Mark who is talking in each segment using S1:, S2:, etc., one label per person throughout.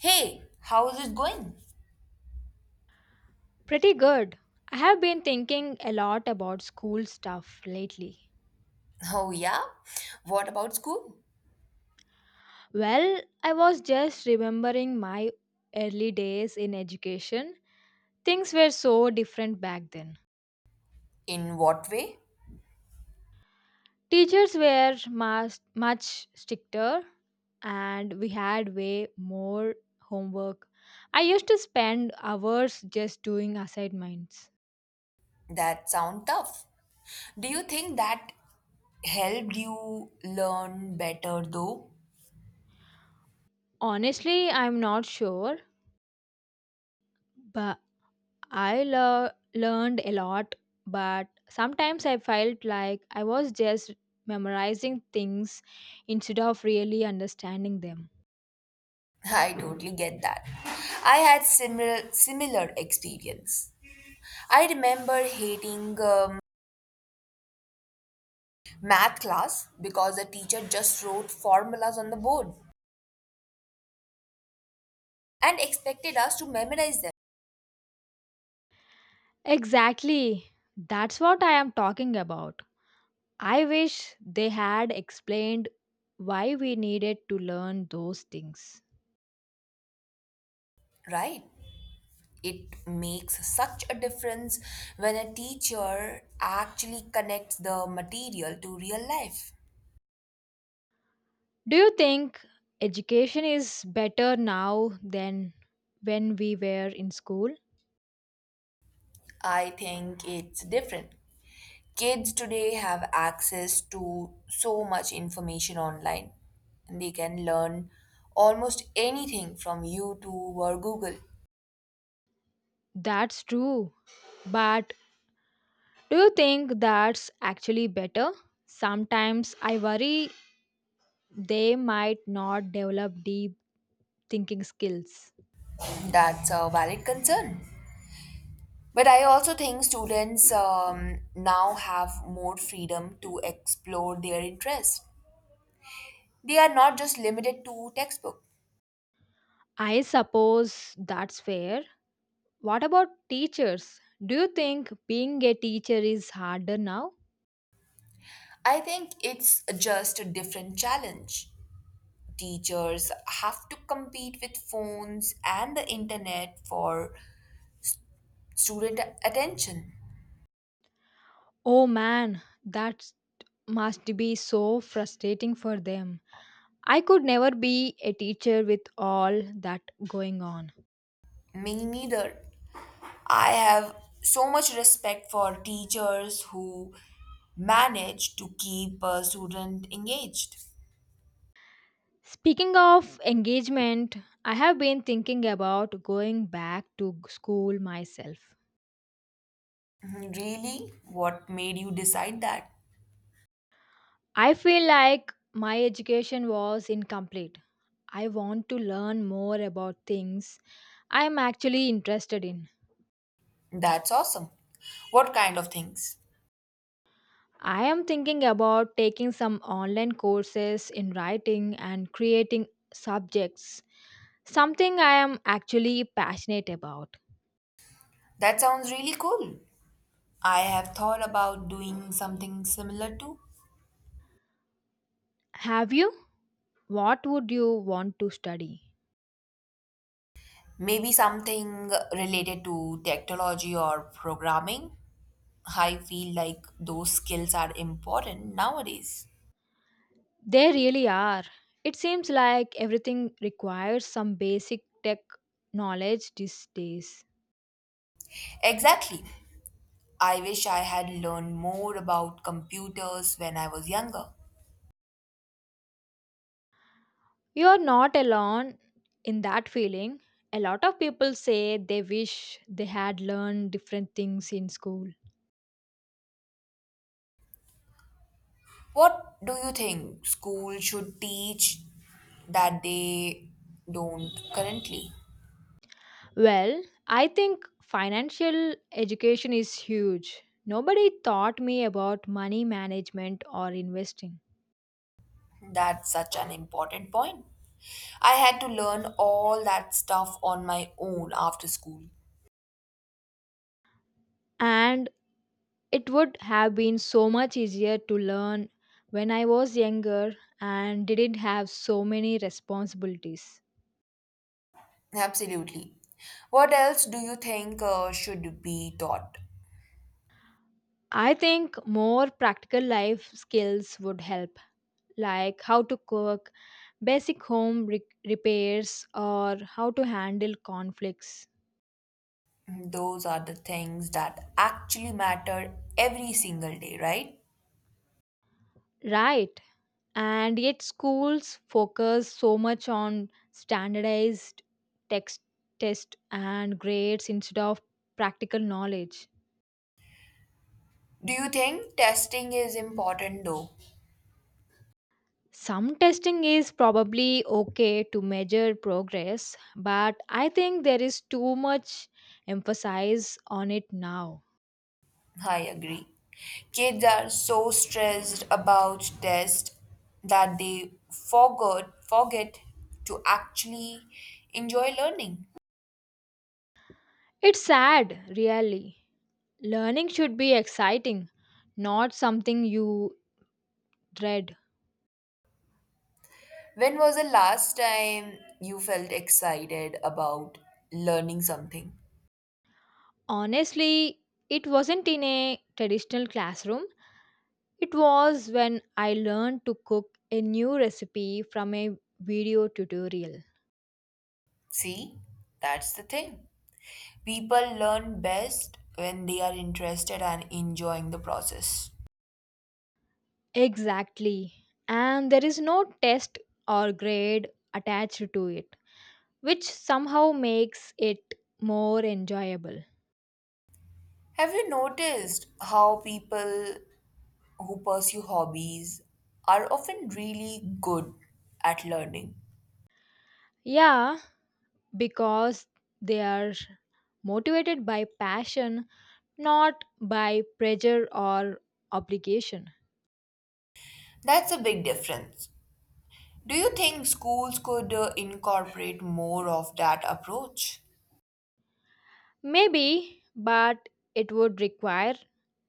S1: Hey, how's it going?
S2: Pretty good. I have been thinking a lot about school stuff lately.
S1: Oh, yeah? What about school?
S2: Well, I was just remembering my early days in education. Things were so different back then.
S1: In what way?
S2: Teachers were much, much stricter and we had way more homework. I used to spend hours just doing assignments.
S1: That sound tough. Do you think that helped you learn better though?
S2: Honestly, I'm not sure, but learned a lot, but sometimes I felt like I was just memorizing things instead of really understanding them.
S1: I totally get that. I had similar experience. I remember hating math class because the teacher just wrote formulas on the board and expected us to memorize them,
S2: Exactly. That's what I am talking about. I wish they had explained why we needed to learn those things.
S1: right? It makes such a difference when a teacher actually connects the material to real life.
S2: Do you think education is better now than when we were in school?
S1: I think it's different. Kids today have access to so much information online. They can learn almost anything from YouTube or Google.
S2: That's true. But do you think that's actually better? Sometimes I worry they might not develop deep thinking skills.
S1: That's a valid concern. But I also think students now have more freedom to explore their interests. They are not just limited to textbook.
S2: I suppose that's fair. What about teachers? Do you think being a teacher is harder now?
S1: I think it's just a different challenge. Teachers have to compete with phones and the internet for student attention.
S2: Oh man, that must be so frustrating for them. I could never be a teacher with all that going on.
S1: Me neither. I have so much respect for teachers who manage to keep a student engaged.
S2: Speaking of engagement, I have been thinking about going back to school myself.
S1: Really? What made you decide that?
S2: I feel like my education was incomplete. I want to learn more about things I am actually interested in.
S1: That's awesome. What kind of things?
S2: I am thinking about taking some online courses in writing and creating subjects, something I am actually passionate about.
S1: That sounds really cool. I have thought about doing something similar to
S2: Have you? What would you want to study?
S1: maybe something related to technology or programming. I feel like those skills are important nowadays.
S2: They really are. It seems like everything requires some basic tech knowledge these days.
S1: Exactly. I wish I had learned more about computers when I was younger.
S2: You are not alone in that feeling. A lot of people say they wish they had learned different things in school.
S1: What do you think school should teach that they don't currently?
S2: Well, I think financial education is huge. Nobody taught me about money management or investing.
S1: That's such an important point. I had to learn all that stuff on my own after school.
S2: And it would have been so much easier to learn when I was younger and didn't have so many responsibilities.
S1: Absolutely. What else do you think should be taught?
S2: I think more practical life skills would help, like how to cook, basic home repairs, or how to handle conflicts.
S1: Those are the things that actually matter every single day, right?
S2: Right. And yet, schools focus so much on standardized text, test, and grades instead of practical knowledge.
S1: Do you think testing is important though?
S2: Some testing is probably okay to measure progress, but I think there is too much emphasis on it now.
S1: I agree. Kids are so stressed about tests that they forgot forget to actually enjoy learning.
S2: It's sad, really. Learning should be exciting, not something you dread.
S1: When was the last time you felt excited about learning something?
S2: Honestly, it wasn't in a traditional classroom. It was when I learned to cook a new recipe from a video tutorial.
S1: See, that's the thing. People learn best when they are interested and enjoying the process.
S2: Exactly. And there is no test or grade attached to it, which somehow makes it more enjoyable.
S1: Have you noticed how people who pursue hobbies are often really good at learning?
S2: Yeah, because they are motivated by passion, not by pressure or obligation.
S1: That's a big difference. Do you think schools could incorporate more of that approach?
S2: Maybe, but it would require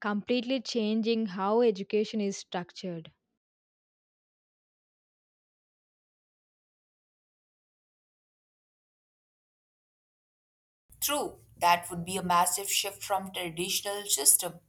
S2: completely changing how education is structured.
S1: True, that would be a massive shift from traditional system.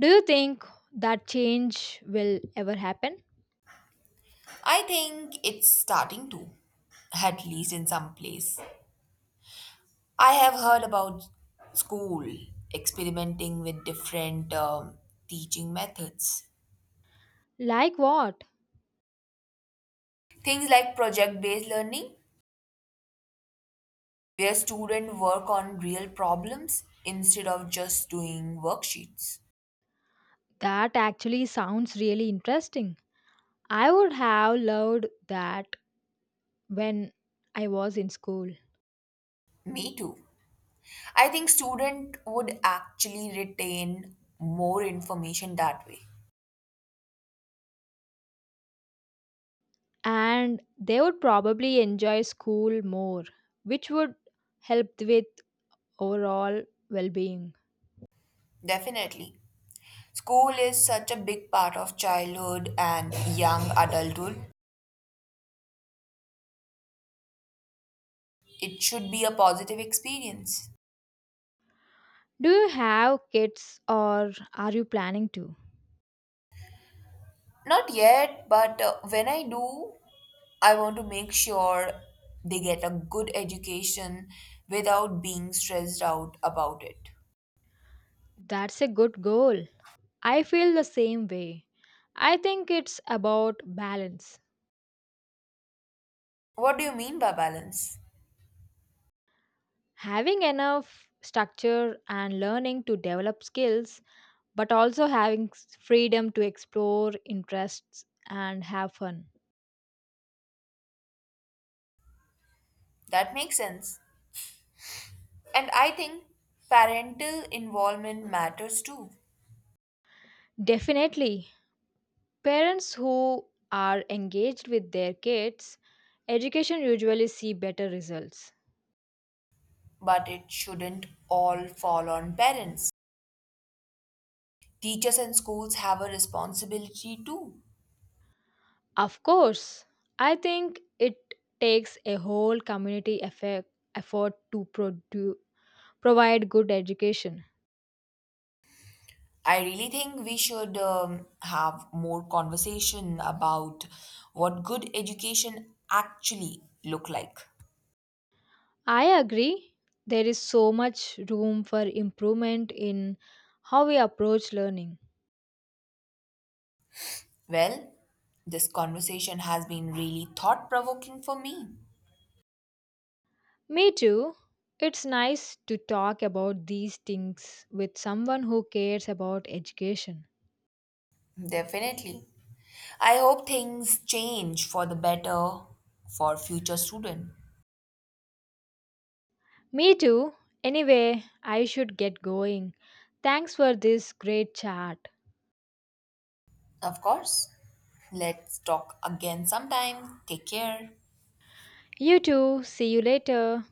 S2: Do you think that change will ever happen?
S1: I think it's starting to, at least in some place. I have heard about school experimenting with different teaching methods.
S2: Like what?
S1: Things like project-based learning, where students work on real problems instead of just doing worksheets.
S2: That actually sounds really interesting. I would have loved that when I was in school.
S1: Me too. I think student would actually retain more information that way.
S2: And they would probably enjoy school more, which would help with overall well being.
S1: Definitely. School is such a big part of childhood and young adulthood. It should be a positive experience.
S2: Do you have kids or are you planning to?
S1: Not yet, but when I do, I want to make sure they get a good education without being stressed out about it.
S2: That's a good goal. I feel the same way. I think it's about balance.
S1: What do you mean by balance?
S2: Having enough structure and learning to develop skills but also having freedom to explore interests and have fun.
S1: That makes sense. And I think parental involvement matters too,
S2: Definitely, parents who are engaged with their kids, education usually see better results.
S1: but it shouldn't all fall on parents. Teachers and schools have a responsibility too.
S2: Of course, I think it takes a whole community effort to provide good education.
S1: I really think we should have more conversation about what good education actually look like.
S2: I agree, there is so much room for improvement in how we approach learning.
S1: Well, this conversation has been really thought provoking for me.
S2: Me too. It's nice to talk about these things with someone who cares about education.
S1: Definitely. I hope things change for the better for future students.
S2: Me too. Anyway, I should get going. Thanks for this great chat.
S1: Of course. Let's talk again sometime. Take care.
S2: You too. See you later.